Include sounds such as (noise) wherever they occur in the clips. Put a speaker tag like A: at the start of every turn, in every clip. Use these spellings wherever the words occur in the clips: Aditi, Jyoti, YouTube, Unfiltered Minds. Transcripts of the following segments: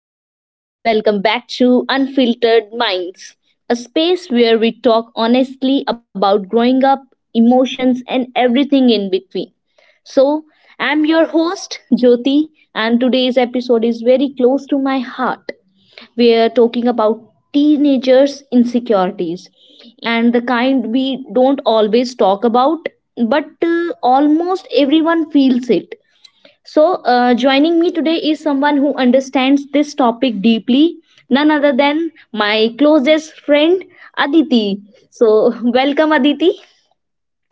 A: everyone, and welcome back to Unfiltered Minds, a space where we talk honestly about growing up, emotions, and everything in between. So, I'm your host, Jyoti, and today's episode is very close to my heart. We are talking about teenagers' insecurities and the kind we don't always talk about, but almost everyone feels it. So, joining me today is someone who understands this topic deeply, none other than my closest friend Aditi. So, (laughs) welcome Aditi.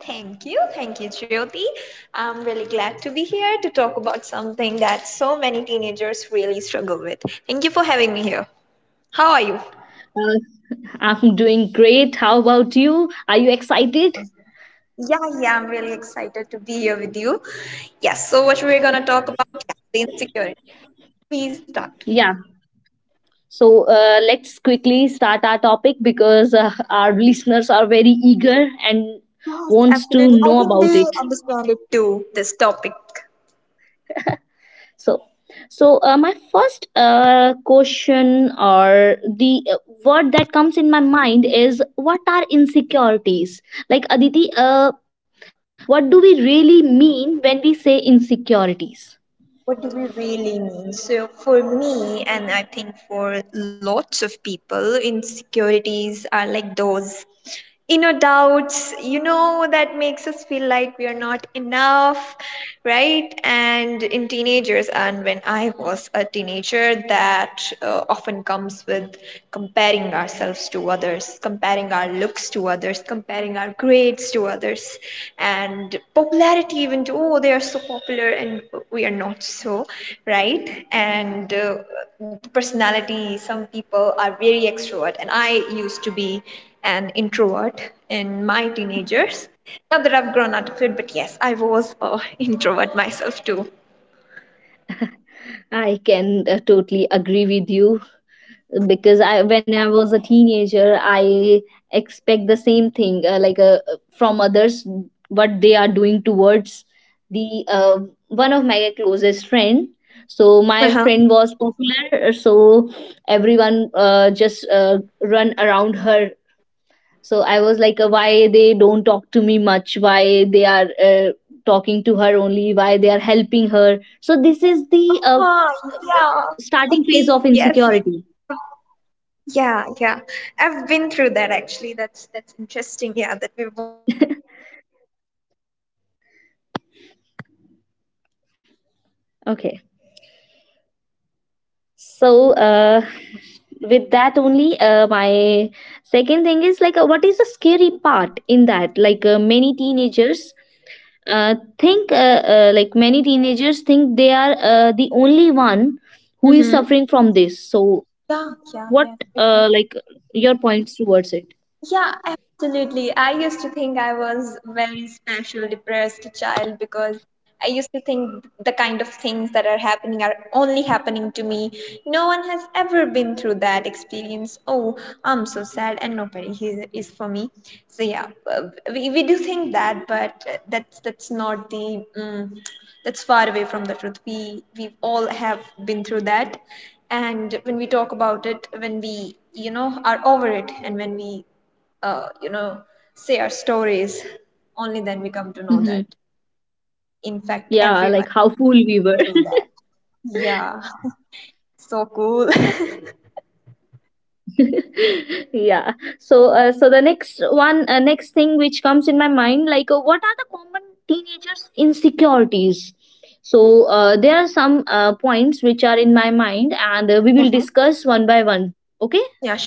B: Thank you. Thank you, Jyoti. I'm really glad to be here to talk about something that so many teenagers really struggle with. Thank you for having me here. How are you?
A: Uh, I'm doing great. How about you? Are you excited?
B: Yeah, yeah, I'm really excited to be here with you. Yes, so what we're going to talk about is insecurity. Please start.
A: Yeah. So, let's quickly start our topic because our listeners are very eager and
B: Yes,
A: wants to
B: absolutely. I
A: know
B: think
A: about
B: they
A: it.
B: understand it too, this topic.
A: so so my first question or the word that comes in my mind is, what are insecurities? Like, Aditi, what do we really mean when we say insecurities?
B: What do we really mean? So, for me, and I think for lots of people, insecurities are like those inner doubts, you know, that makes us feel like we are not enough, right? And in teenagers, and when I was a teenager, that often comes with comparing ourselves to others, comparing our looks to others, comparing our grades to others, and popularity, even to, oh, they are so popular and we are not so, right? And the personality, some people are very extrovert and I used to be an introvert in my teenagers. Now that I've grown out of it, but yes, I was an (laughs) introvert myself too.
A: I can totally agree with you because I, when I was a teenager, I expect the same thing, like, from others, what they are doing towards the one of my closest friend. So my
B: Uh-huh.
A: friend was popular, so everyone just run around her. So I was like, why they don't talk to me much? Why they are talking to her only? Why they are helping her? So this is the
B: Uh-huh, yeah, I feel you.
A: starting phase
B: Yes,
A: of insecurity.
B: yeah, yeah, I've been through that, actually. That's interesting. Yeah, that we've all been through the same experiences ourselves.
A: Okay. So, with that only, my second thing is like, what is the scary part in that? Like, many teenagers think, like, many teenagers think they are the only one who
B: Mm-hmm.
A: is suffering from this. So,
B: Yeah, yeah, yeah,
A: what,
B: exactly.
A: like, your points towards it?
B: Yeah, absolutely. I used to think I was very special, depressed child because I used to think the kind of things that are happening are only happening to me. No one has ever been through that experience. Oh, I'm so sad, and nobody is, for me. So yeah, we do think that, but that's not the. That's far away from the truth. We all have been through that, and when we talk about it, when we, you know, are over it, and when we you know, say our stories, only then we come to know
A: Hmm.
B: that. In fact,
A: Yeah, like
B: everyone.
A: how fool we were.
B: Is there. Yeah, so cool. (laughs)
A: (laughs) Yeah. So, the next one, next thing which comes in my mind, like, what are the common teenagers insecurities? So, there are some points which are in my mind, and we will
B: Mhm.
A: discuss one by one. Okay.
B: Yeah,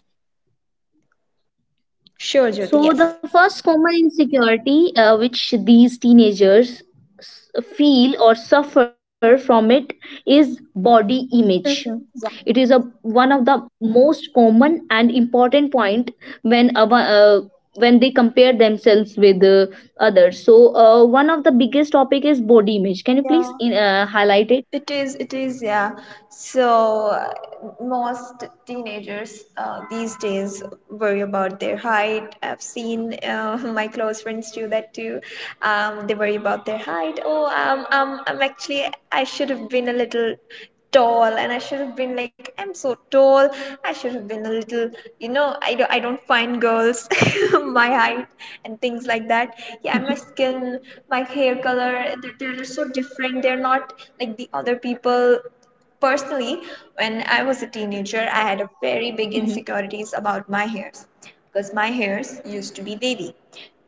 B: sure, Jyoti.
A: So, the
B: Yes.
A: first common insecurity which these teenagers s- feel or suffer from it is body image.
B: Hmm.
A: It is
B: Yeah.
A: a one of the most common and important point when when they compare themselves with others. So, one of the biggest topic is body image. Can you
B: Yeah,
A: please highlight it?
B: it is, it is, yeah. So, most teenagers these days worry about their height. I've seen, (laughs) my close friends do that too. They worry about their height. Oh, I'm actually, I should have been a little tall, and I should have been like, I'm so tall. I should have been a little, you know. I don't find girls (laughs) my height and things like that. Yeah, my skin, my hair color, they're so different. They're not like the other people. Personally, when I was a
A: (laughs)
B: teenager, I
A: Mhm.
B: had a very big insecurities about my hairs, because my hairs used to be wavy.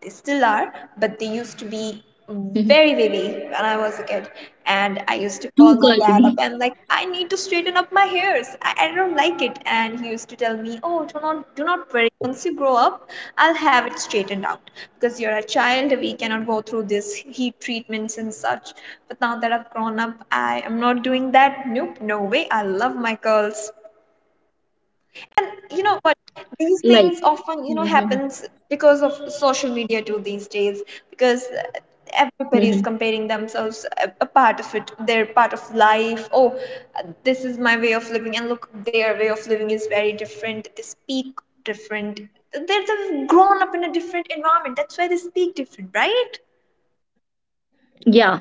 B: They still are, but they used to
A: Mhm.
B: be very wavy when I was a kid. And I
A: Too
B: used to call
A: curly,
B: my dad up and like, I need to straighten up my hairs. I don't like it. And he used to tell me, oh, do not worry. Once you grow up, I'll have it straightened out. Because you're a child, we cannot go through this heat treatments and such. But now that I've grown up, I am not doing that. Nope, no way. I love my curls. And you know what?
A: like.
B: These things often, you
A: Mhm.
B: know, happens because of social media too these days. Because
A: Mhm.
B: everybody is comparing themselves, a part of it, their part of life. Oh, this is my way of living, and look, their way of living is very different. They speak different. They're, they've grown up in a different environment. That's why they speak different, right?
A: Yeah.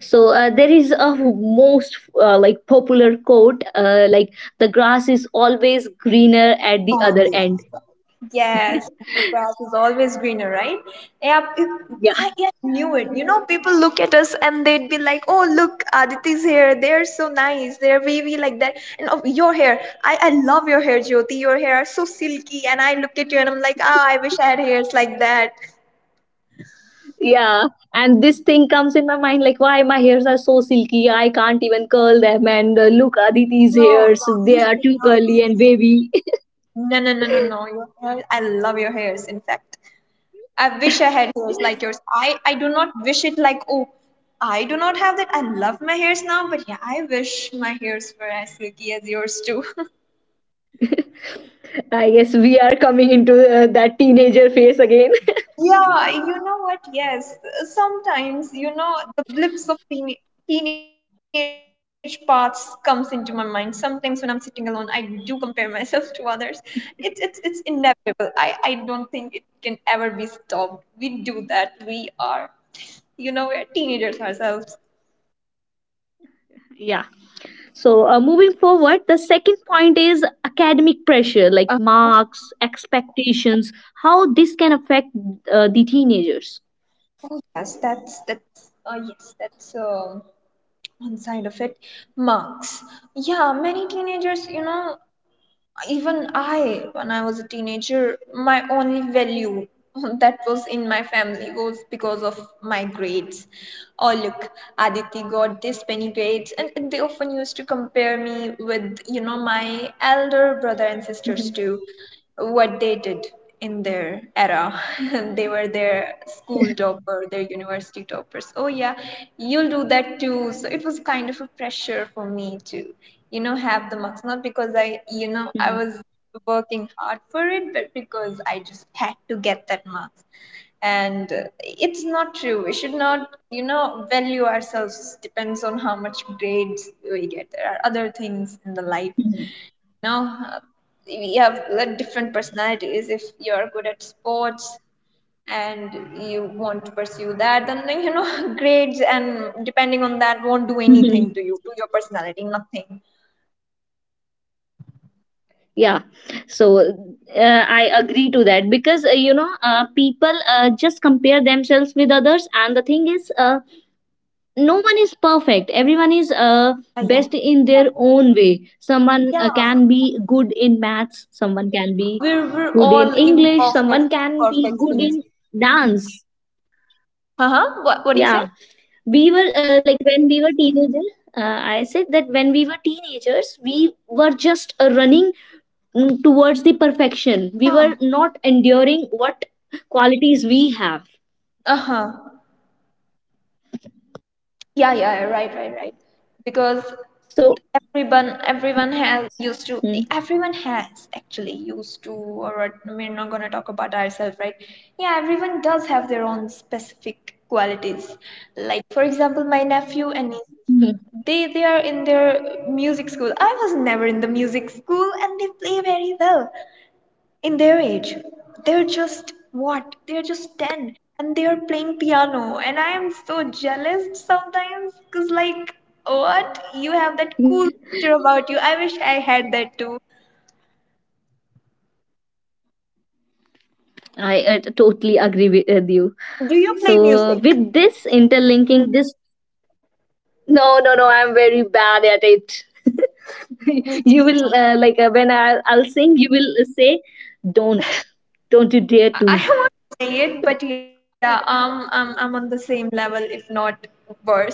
A: So, there is a most, like, popular quote, like, the grass is always greener at the
B: on the
A: other
B: other
A: end.
B: side. Yes,
A: (laughs)
B: the grass is always greener, right? Yeah,
A: Yeah,
B: yeah, I knew it. You know, people look at us and they'd be like, "Oh, look, Aditi's hair. They're so nice. They're wavy like that." And oh, your hair, I love your hair, Jyoti. Your hair are so silky. And I look at you and I'm like, "Ah, I wish I had hairs like that."
A: yeah, and this thing comes in my mind, like, why my hairs are so silky? I can't even curl them. And look, Aditi's
B: No,
A: hairs,
B: no, you
A: they are
B: should
A: too
B: not
A: curly and
B: feel.
A: wavy.
B: No, no, no, no, no. Your hair, I love your hairs. In fact, I wish I had hairs like yours. I do not wish it like, oh, I do not have that. I love my hairs now, but yeah, I wish my hairs were as silky as yours too.
A: (laughs) I guess we are coming into that teenager phase again.
B: (laughs) Yeah, you know what? Yes, sometimes, you know, the blips of teenage parts comes into my mind. Sometimes when I'm sitting alone, I do compare (laughs) myself to others. It's it's inevitable. I don't think it can ever be stopped. We do that. We are, you know, we're teenagers ourselves.
A: (laughs) Yeah. So, moving forward, the second point is academic pressure, like, marks, expectations, how this can affect the teenagers.
B: Oh, yes, that's yes, that's one side of it. Marks. Yeah, many teenagers, you know, even I, when I was a teenager, my only value (laughs) that was in my family was because of my grades. Oh, look, Aditi got this many grades, and they often used to compare me with, you know, my elder brother and sisters
A: Mhm.
B: too, what they did in their era. (laughs) They were their school topper, their university toppers. Oh, yeah, you'll do that too. So it was kind of a pressure for me to, you know, have the marks. Not because I, you know, I was
A: Mhm.
B: working hard for it, but because I just had to get that marks. And it's not true. We should not, you know, value ourselves depends on how much grades we get. There are other things in the life
A: Mhm.
B: now. uh, we have like, different personalities. If you're good at sports and you want to pursue that, then like, you know, (laughs) grades and depending on that won't do
A: Mhm.
B: anything to you, to your personality. Nothing.
A: Yeah, so, uh, I agree to that because, people just compare themselves with others, and the thing is, no one is perfect. Everyone is
B: Ah, yeah.
A: best in their own way. Someone
B: Yeah,
A: can be good in maths, someone can be
B: we're
A: good
B: all
A: in english,
B: imperfect
A: someone can be
B: perfect
A: good
B: things.
A: in dance.
B: Uh-huh. What do you
A: Yeah.
B: say?
A: We were, like, when we were teenagers, I said that when we were teenagers, we were just running, towards the perfection. We
B: Yeah.
A: were not enduring what qualities we have.
B: Uh-huh. Yeah, yeah, right, right, right, because
A: So,
B: everyone everyone has used
A: Hmm.
B: to everyone has actually used to, or we're not going to talk about ourselves, right? Yeah, everyone does have their own specific qualities. Like, for example, my nephew and niece, they are in their music school. I was never in the music school, and they play very well in their age. They're just, what they're just 10, and they're playing piano, and I am so jealous sometimes because like, what you have,
A: (laughs)
B: that cool picture about you, I wish I had that too.
A: I totally agree with you.
B: Do you play
A: So,
B: music?
A: with this interlinking, this no, no, no, I'm very bad at it. (laughs)
B: Me
A: You will,
B: too.
A: like, when I'll sing, you will say, "Don't, don't you dare
B: I (laughs)
A: to."
B: I won't say it, but yeah, I'm on the same level, if not worse. (laughs)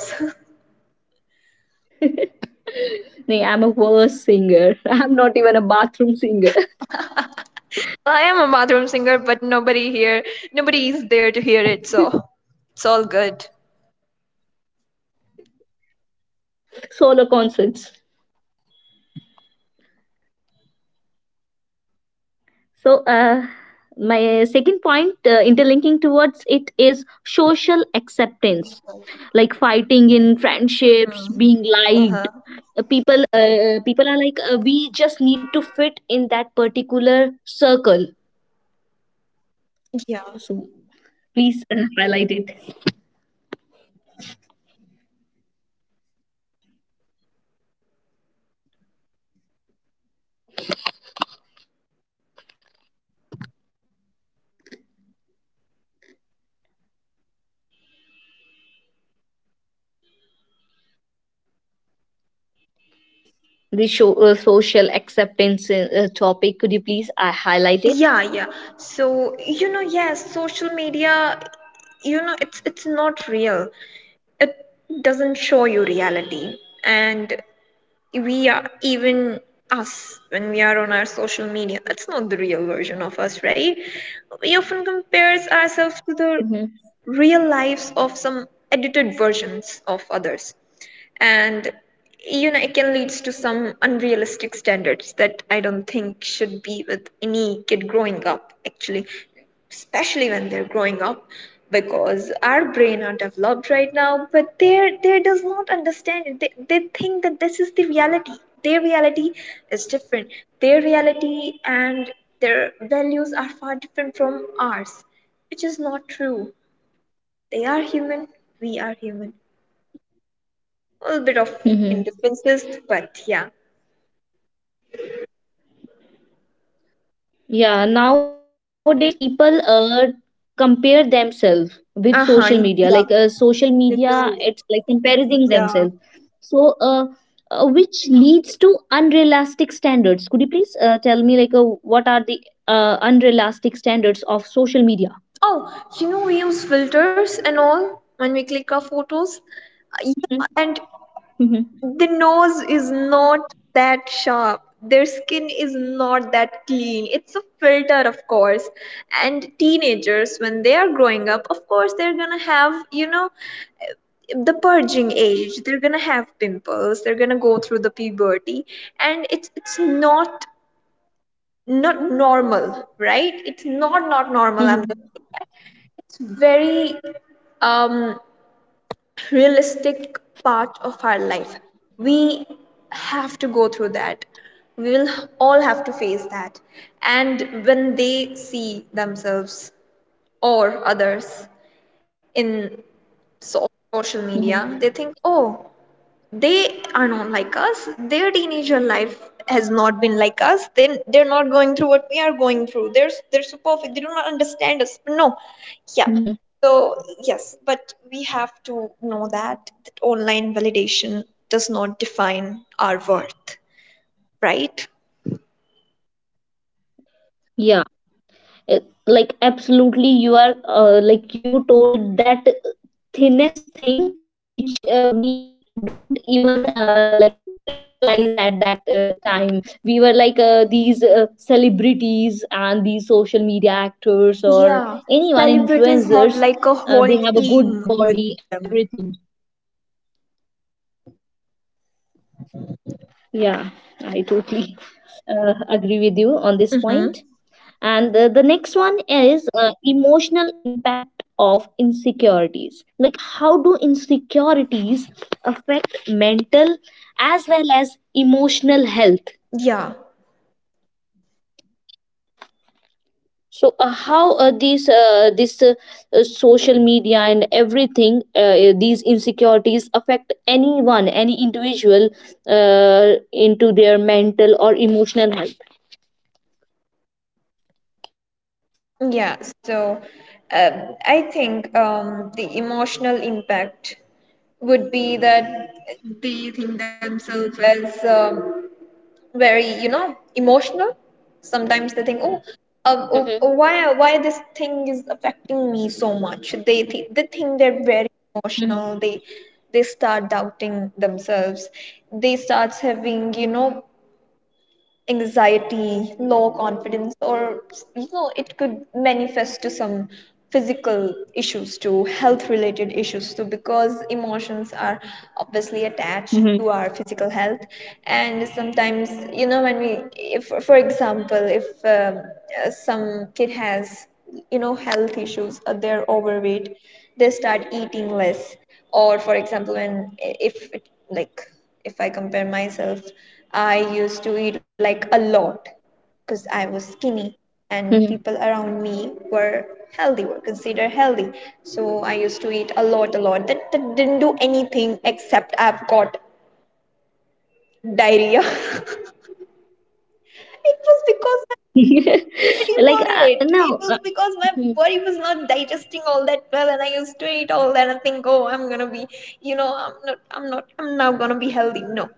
A: (laughs) Nee, I'm a worse singer. (laughs) I'm not even a bathroom singer.
B: I am a bathroom singer, but nobody here, nobody is there to hear it, so it's all
A: (laughs)
B: good.
A: Solo concerts. So, my second point, interlinking towards it, is social acceptance, like, fighting in
B: Mhm.
A: friendships, being
B: Uh-huh.
A: liked. People are like, we just need to fit in that particular circle.
B: Yeah.
A: So, please highlight it. The show, social acceptance topic, could you please highlight it?
B: Yeah, yeah, so you know, yes, social media, you know, it's not real. It doesn't show you reality. And we are even us when we are on our social media. That's not the real version of us, right? We often compares ourselves to the
A: Mm-hmm.
B: real lives of some edited versions of others. And you know, it can lead to some unrealistic standards that I don't think should be with any kid growing up, actually, especially when they're growing up, because our brain are developed right now, but they does not understand it. They think that this is the reality. Their reality is different. Their reality and their values are far different from ours, which is not true. They are human, we are human, a little bit of indifferences,
A: Mm-hmm.
B: but yeah.
A: Yeah, nowadays people compare themselves with
B: Uh huh.
A: social media.
B: Yeah,
A: Like, social
B: they
A: media,
B: do.
A: it's like comparing
B: Yeah.
A: themselves. So, which leads to unrealistic standards. Could you please tell me, like, what are the unrealistic standards of social media?
B: Oh, you know, we use filters and all when we click our photos. Yeah, and
A: Mhm. Mhm.
B: the nose is not that sharp. Their skin is not that clean. It's a filter, of course. And teenagers, when they are growing up, of course, they're gonna have, you know, the purging age. They're gonna have pimples. They're gonna go through the puberty, and it's not not normal, right? It's not not normal. I'm just,
A: Mhm.
B: it's very um, realistic part of our life. We have to go through that. We will all have to face that. And when they see themselves or others in so- social
A: Mhm.
B: media, they think, oh, they are not like us. Their teenager life has not been like us. Then they're not going through what we are going through. They're so perfect. They do not understand us. No. Yeah,
A: Mhm.
B: so yes, but we have to know that, that online validation does not define our worth, right?
A: Yeah. Uh, like, absolutely, you are, like, you told that thinnest thing which we don't even, like, realize at that time. We were like, these celebrities and these social media actors,
B: Yeah,
A: or anyone,
B: celebrities have like a
A: influencers,
B: whole
A: they have a
B: team
A: good
B: with
A: body
B: them.
A: and everything. Yeah, I totally agree with you on this
B: Mm-hmm.
A: point. And, the next one is, emotional impact of insecurities. Like, how do insecurities affect mental as well as emotional health?
B: Yeah.
A: So, how, these this, social media and everything, these insecurities affect anyone, any individual, into their mental or emotional health?
B: Yeah, so um I think the emotional impact would be that they think themselves as very, you know, emotional. Sometimes they think, oh, oh, why this thing is affecting me so much? They think they're very emotional. They
A: Mhm.
B: start doubting themselves. They start having, anxiety, low confidence, or it could manifest to some physical issues too, health related issues too, because emotions are obviously attached
A: Mhm.
B: to our physical health. And sometimes, if for example, if some kid has, health issues, they're overweight, they start eating less. Or for example, when if it, like if I compare myself, I used to eat like a lot because I was skinny and people around me
A: Mhm.
B: were healthy, were considered healthy. So I used to eat a lot, a lot. That didn't do anything except I've got diarrhea. (laughs) It was because ready
A: (laughs) Like,
B: for it. It
A: no,
B: was because my
A: mhm,
B: body was not digesting all that well, and I used to eat all that and think, oh, I'm gonna be, I'm not, I'm not, I'm now gonna be healthy. No,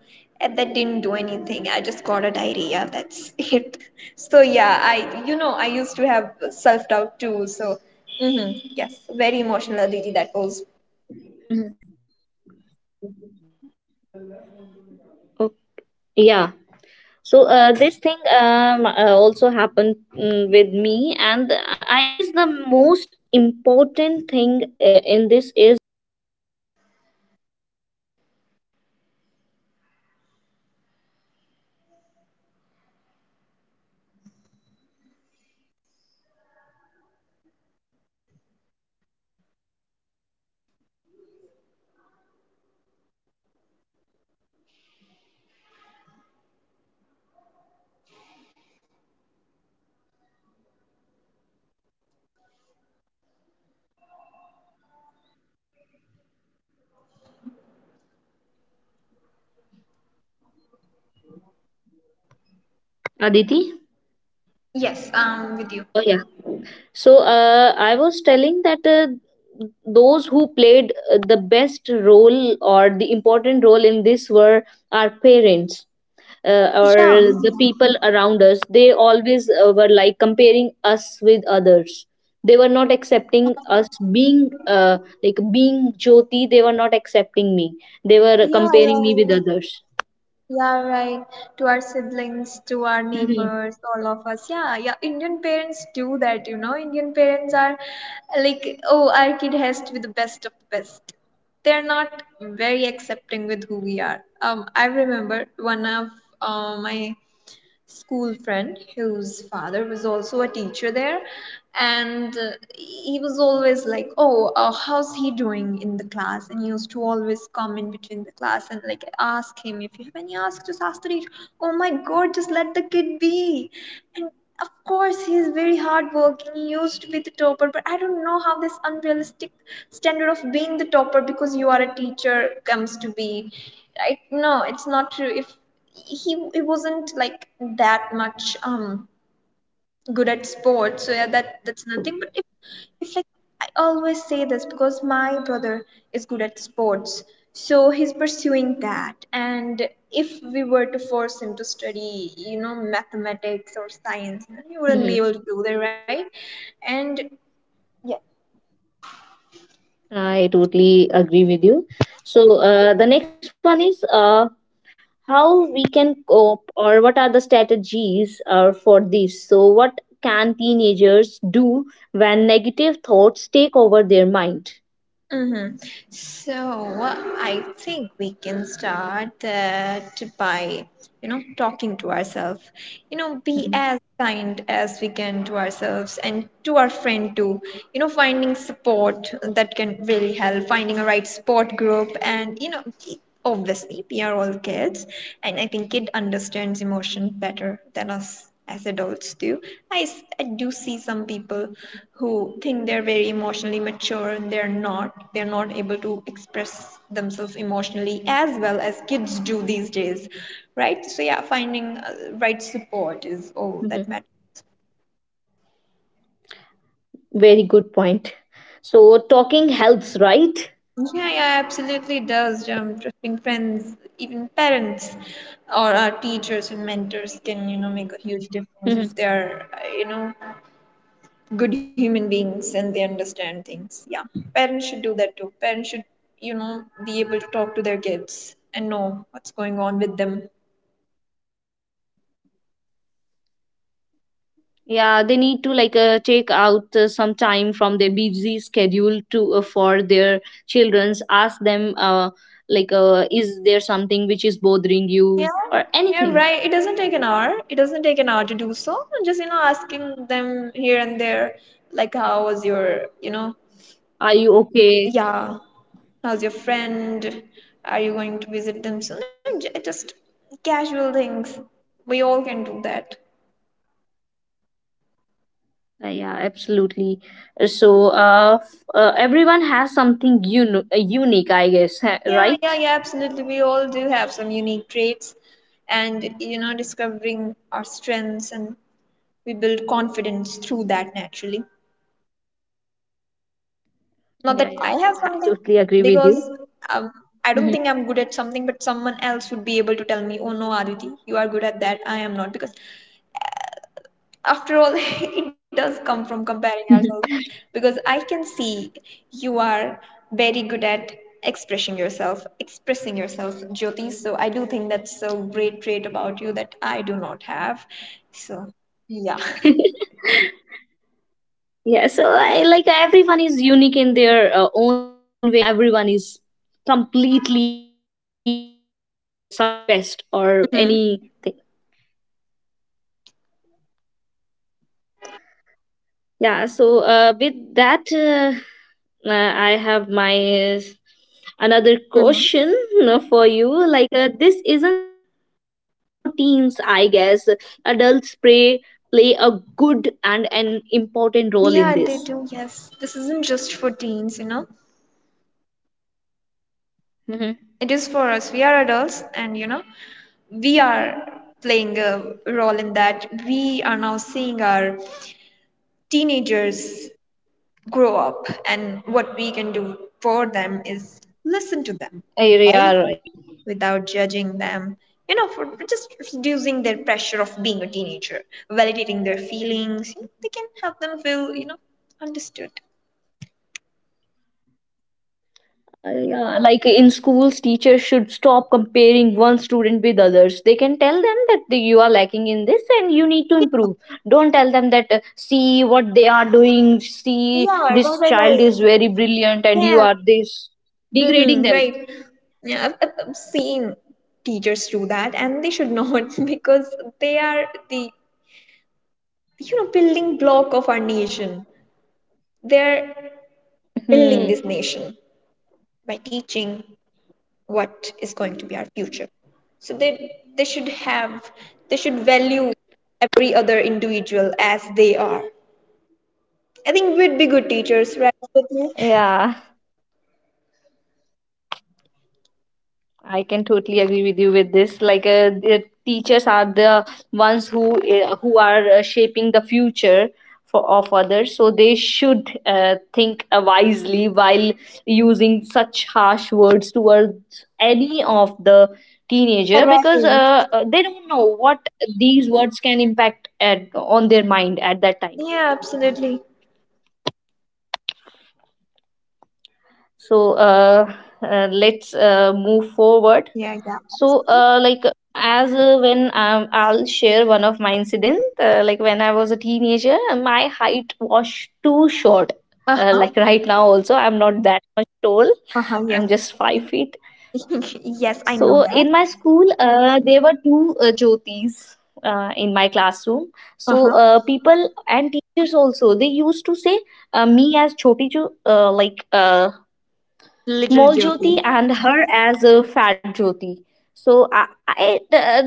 B: and that didn't do anything. I just got a diarrhea. That's it. (laughs) So yeah, I used to have self doubt too. So, hmm, yes, very emotional, Aditi. That was.
A: oh, yeah. So, this thing, also happened, with me, and I guess the most important thing in this is, the
C: Aditi?
B: Yes, with you.
C: Oh, yeah. So I was telling that those who played the best role or the important role in this were our parents
B: Yeah,
C: or the people around us. They always were like comparing us with others. They were not accepting us being like being Jyoti. They were not accepting me. They were
B: yeah,
C: comparing
B: yeah.
C: me with
B: Yeah.
C: others.
B: Yeah, right. To our siblings, to our
C: hmm
B: neighbors, all of us. Yeah, yeah. Indian parents do that, you know. Indian parents are like, oh, our kid has to be the best of the best. They're not very accepting with who we are. I remember one of my school friend whose father was also a teacher there and he was always like, oh, how's he doing in the class? And he used to always come in between the class and like ask him, if you have any, ask, just ask the teacher. Oh my god, just let the kid be. And of course, he is very hardworking. He used to be the topper, but I don't know how this unrealistic standard of being the topper because you are a teacher comes to be, right? No, it's not true. If he wasn't like that much, good at sports, so yeah, that's nothing. But if like I always say this because my brother is good at sports, so he's pursuing that. And if we were to force him to study, you know, mathematics or science, he wouldn't be
C: hmm
B: able to do that, right? And yeah.
C: I totally agree with you. So the next one is how we can cope, or what are the strategies for this. So what can teenagers do when negative thoughts take over their mind?
B: Hmm. So I think we can start that by, you know, talking to ourselves. You know, be as
C: Mhm.
B: kind as we can to ourselves and to our friend too. You know, finding support that can really help, finding a right support group, and obviously we are all kids, and I think kid understands emotion better than us as adults do. I do see some people who think they're very emotionally mature and they're not. They're not able to express themselves emotionally as well as kids do these days, right? So, yeah, finding right support is all that matters.
C: Mhm. Very good point. So talking helps,
B: Yeah, yeah,
C: right?
B: absolutely does. Trusting friends, even parents or our teachers and mentors can, you know, make a huge difference if
C: Mhm.
B: they're, you know, good human beings and they understand things. Yeah, parents should do that too. Parents should, you know, be able to talk to their kids and know what's going on with them.
C: Yeah, they need to like take out some time from their busy schedule to for their children's, ask them, like, is there something which is bothering
B: Yeah,
C: you
B: yeah,
C: or
B: right. It doesn't
C: anything?
B: take an hour. It doesn't take an hour to do so. And just, you know, asking them here and there, like, how was your, you know,
C: Are you okay?
B: yeah, how's your friend? Are you going to visit them soon? And just casual things. We all can do that.
C: Yeah, absolutely. So, everyone has something unique, I guess, (laughs)
B: Yeah, yeah,
C: right?
B: yeah, absolutely. We all do have some unique traits, and you know, discovering our strengths and we build confidence through that naturally. Not that I
C: Yeah,
B: have
C: yeah.
B: something,
C: I totally agree
B: because
C: with you.
B: um, I don't think I'm
C: Mhm.
B: good at something, but someone else would be able to tell me, oh no, Aditi, you are good at that, I am not. Because after all (laughs) it does come from comparing ourselves, because I can see you are very good at expressing yourself, Jyoti. So I do think that's a great trait about you that I do not have. So yeah.
C: (laughs) Yeah, so I, like everyone is unique in their own way, and everyone is completely blessed with something best, or
B: Hmm.
C: anything. Yeah, so with that, I have my another
B: Hmm.
C: question for you. Like, this isn't just for teens, I guess. Adults play a good and an important role
B: Yeah,
C: in
B: they do.
C: this.
B: Yes, this isn't just for teens, you know. It
C: Mm-hmm.
B: is for us. We are adults, and you know, we are playing a role in that. We are now seeing our teenagers grow up. And what we can do for them is listen to them
C: You are right.
B: without judging them, you know, for just reducing their pressure of being a teenager, validating their feelings. You know, they can help them feel, you know, understood.
C: Yeah, like in schools, teachers should stop comparing one student with others. They can tell them that you are lacking in this and you need to improve. Don't tell them that, see what they are doing,
B: Yeah,
C: see
B: right,
C: this
B: right, right.
C: child is very brilliant and you
B: Yeah.
C: are this.
B: Mm-hmm,
C: Degrading them.
B: right.
C: (laughs)
B: Yeah, I've seen teachers do that, and they should not (laughs) because they are the, you know, building block of our nation. They're building this
C: Hmm.
B: nation by teaching what is going to be our future, so they should have, they should value every other individual as they are. I think we'd be good teachers, right, Swati?
C: Yeah. I can totally agree with you with this. Like, the teachers are the ones who are shaping the future for, of others. So they should think wisely while using such harsh words towards any of the teenager, because
B: Right.
C: they don't know what these words can impact at, on their mind at that time.
B: Yeah, absolutely.
C: So let's move forward.
B: Yeah, yeah.
C: So, like, as when I'll share one of my incident, like when I was a teenager, my height was too short.
B: Uh
C: Like
B: huh.
C: right now, also I'm not that much tall.
B: Uh huh.
C: I'm
B: Yes.
C: just 5 feet.
B: (laughs) Yes, I know
C: So
B: that.
C: in my school, there were two jyotis in my classroom.
B: Uh
C: So
B: huh.
C: people and teachers also, they used to say me as choti jo,
B: Little
C: small
B: Jyoti.
C: Jyoti, and her as a fat Jyoti. So I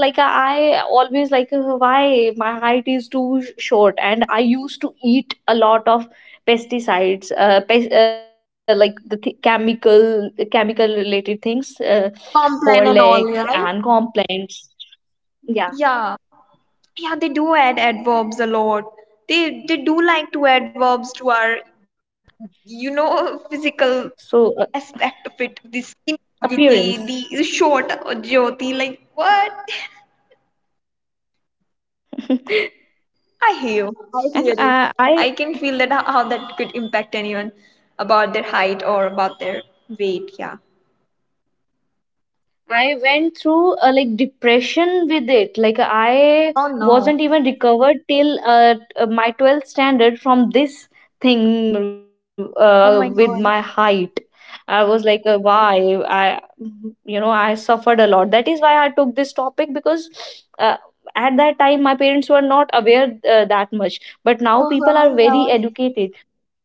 C: like I always like, why my height is too short, and I used to eat a lot of pesticides, like the chemical related things,
B: Complain
C: Horlicks
B: and all,
C: and
B: right?
C: complaints. Yeah.
B: Yeah, yeah, they do add adverbs a lot. They they do like to add verbs to our, you know, (laughs) physical
C: So
B: aspect of it, the skin of
C: appearance,
B: Jyoti, the short Jyoti, like what?
C: (laughs) and
B: (laughs) I hear you.
C: uh, I
B: I can feel that how that could impact anyone about their height or about their weight. Yeah.
C: I went through a like depression with it. Like I wasn't even recovered till my 12th standard from this thing
B: Oh my
C: with
B: god.
C: my height. I was like, why? I, you know, I suffered a lot. That is why I took this topic, because uh, at that time my parents were not aware that much. But now people
B: Uh-huh,
C: are
B: yeah.
C: very educated,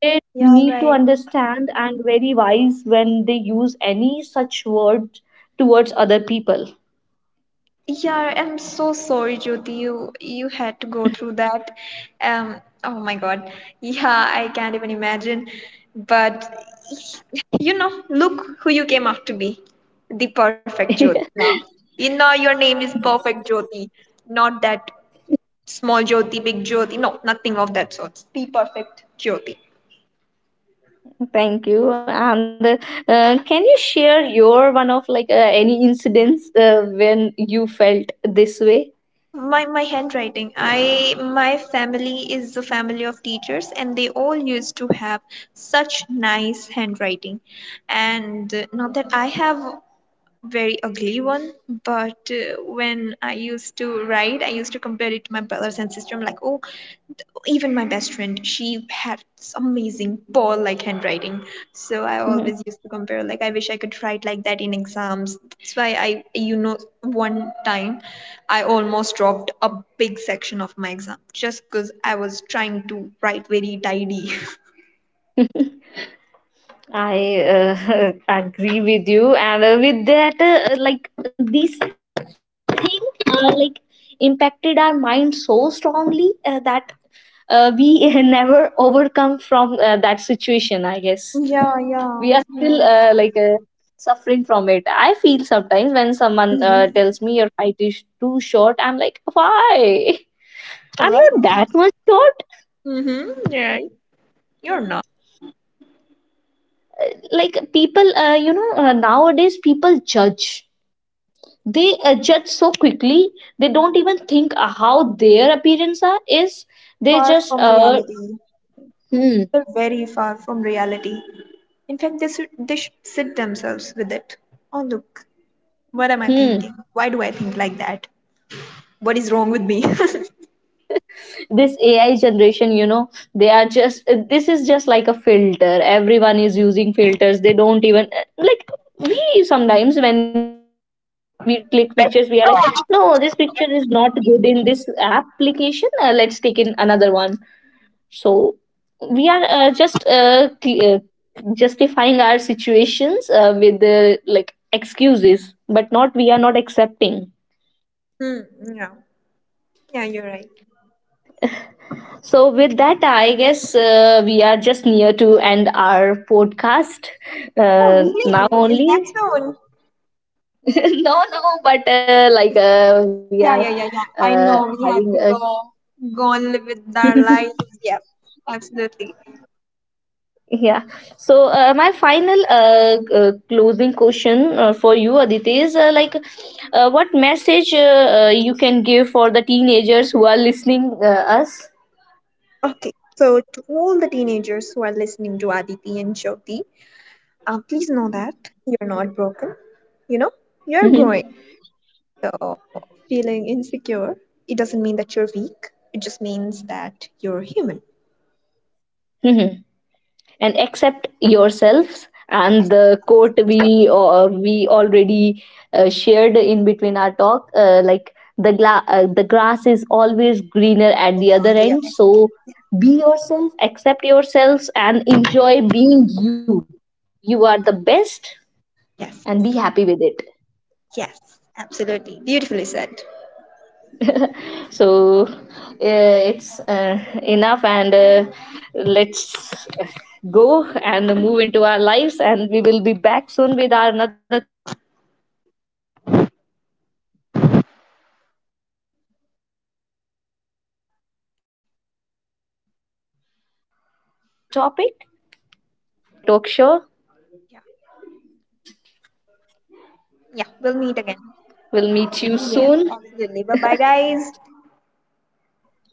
C: they
B: Yeah,
C: need
B: right.
C: to understand, and very wise when they use any such word towards other people. (laughs)
B: Yeah, I'm so sorry, Jyoti. You had to go through that. Um, oh my God. Yeah, I can't even imagine. But (laughs) you know, look who you came out to be. The perfect Jyoti now. You know your name is perfect Jyoti, not that small Jyoti, big Jyoti. No, nothing of that sort. The perfect Jyoti.
C: Thank you. And can you share your one of like any incidents when you felt this way?
B: My handwriting, I, my family is the family of teachers and they all used to have such nice handwriting. And not that I have very ugly one, but when I used to write, I used to compare it to my brothers and sister. I'm like, oh, even my best friend, she had this amazing ball like handwriting. So I always
C: Mhm.
B: used to compare, like, I wish I could write like that in exams. That's why I, you know, one time I almost dropped a big section of my exam just because I was trying to write very tidy. (laughs)
C: (laughs) I (laughs) agree with you, and with that, like these thing, like impacted our mind so strongly that we (laughs) never overcome from that situation. I guess
B: Yeah,
C: we are
B: yeah.
C: still
B: Yeah.
C: suffering from it. I feel sometimes when someone
B: Mm-hmm.
C: tells me your height is too short, I'm like, why? (laughs) I'm
B: Alright.
C: not that much short.
B: Mm-hmm. Yeah, you're not.
C: Like people, you know, nowadays people judge, they adjust so quickly, they don't even think how their appearance are, is, they
B: Far
C: just
B: from reality.
C: hmm
B: They're very far from reality. In fact, they should sit themselves with it. Oh, look, what am I
C: hmm
B: thinking? Why do I think like that? What is wrong with me? (laughs)
C: this AI generation, you know, they are just, this is just like a filter, everyone is using filters, they don't even, like, we sometimes when we click pictures we are like, no, this picture is not good in this application, let's take in another one. So we are, justifying our situations with like excuses, but not, we are not accepting.
B: Hmm. Yeah. Yeah, you're right.
C: So with that, I guess we are just near to end our podcast
B: Oh,
C: now
B: really? Is that
C: only.
B: so?
C: (laughs) No, no, but like we are
B: Yeah, yeah, yeah, yeah.
C: uh,
B: I
C: having
B: know we
C: a
B: have to go, go and live with our lives. Yeah, absolutely.
C: Yeah. So my final closing question for you, Aditi, is like, what message you can give for the teenagers who are listening us?
B: Okay. So, to all the teenagers who are listening to Aditi and Jyoti, please know that you're not broken. You know, you're
C: Hmm.
B: growing. So, feeling insecure, it doesn't mean that you're weak. It just means that you're human.
C: And accept yourselves, and the quote we already shared in between our talk, like the the grass is always greener at the
B: On
C: other
B: the
C: end.
B: other
C: So
B: side.
C: be yourself, accept yourselves, and enjoy being you. You are the best, and
B: Yes,
C: be happy with it.
B: yes, absolutely. Beautifully said.
C: So it's enough, and let's go and move into our lives, and we will be back soon with our another topic soon. So thank you so much, everyone who listened to us, and thank you, Aditi, for coming into my talk show.
B: Yeah, yeah, we'll
C: We'll
B: meet
C: meet
B: again.
C: you soon.
B: Yes, absolutely. Bye bye,
C: Thank you.
B: guys.
C: Bye.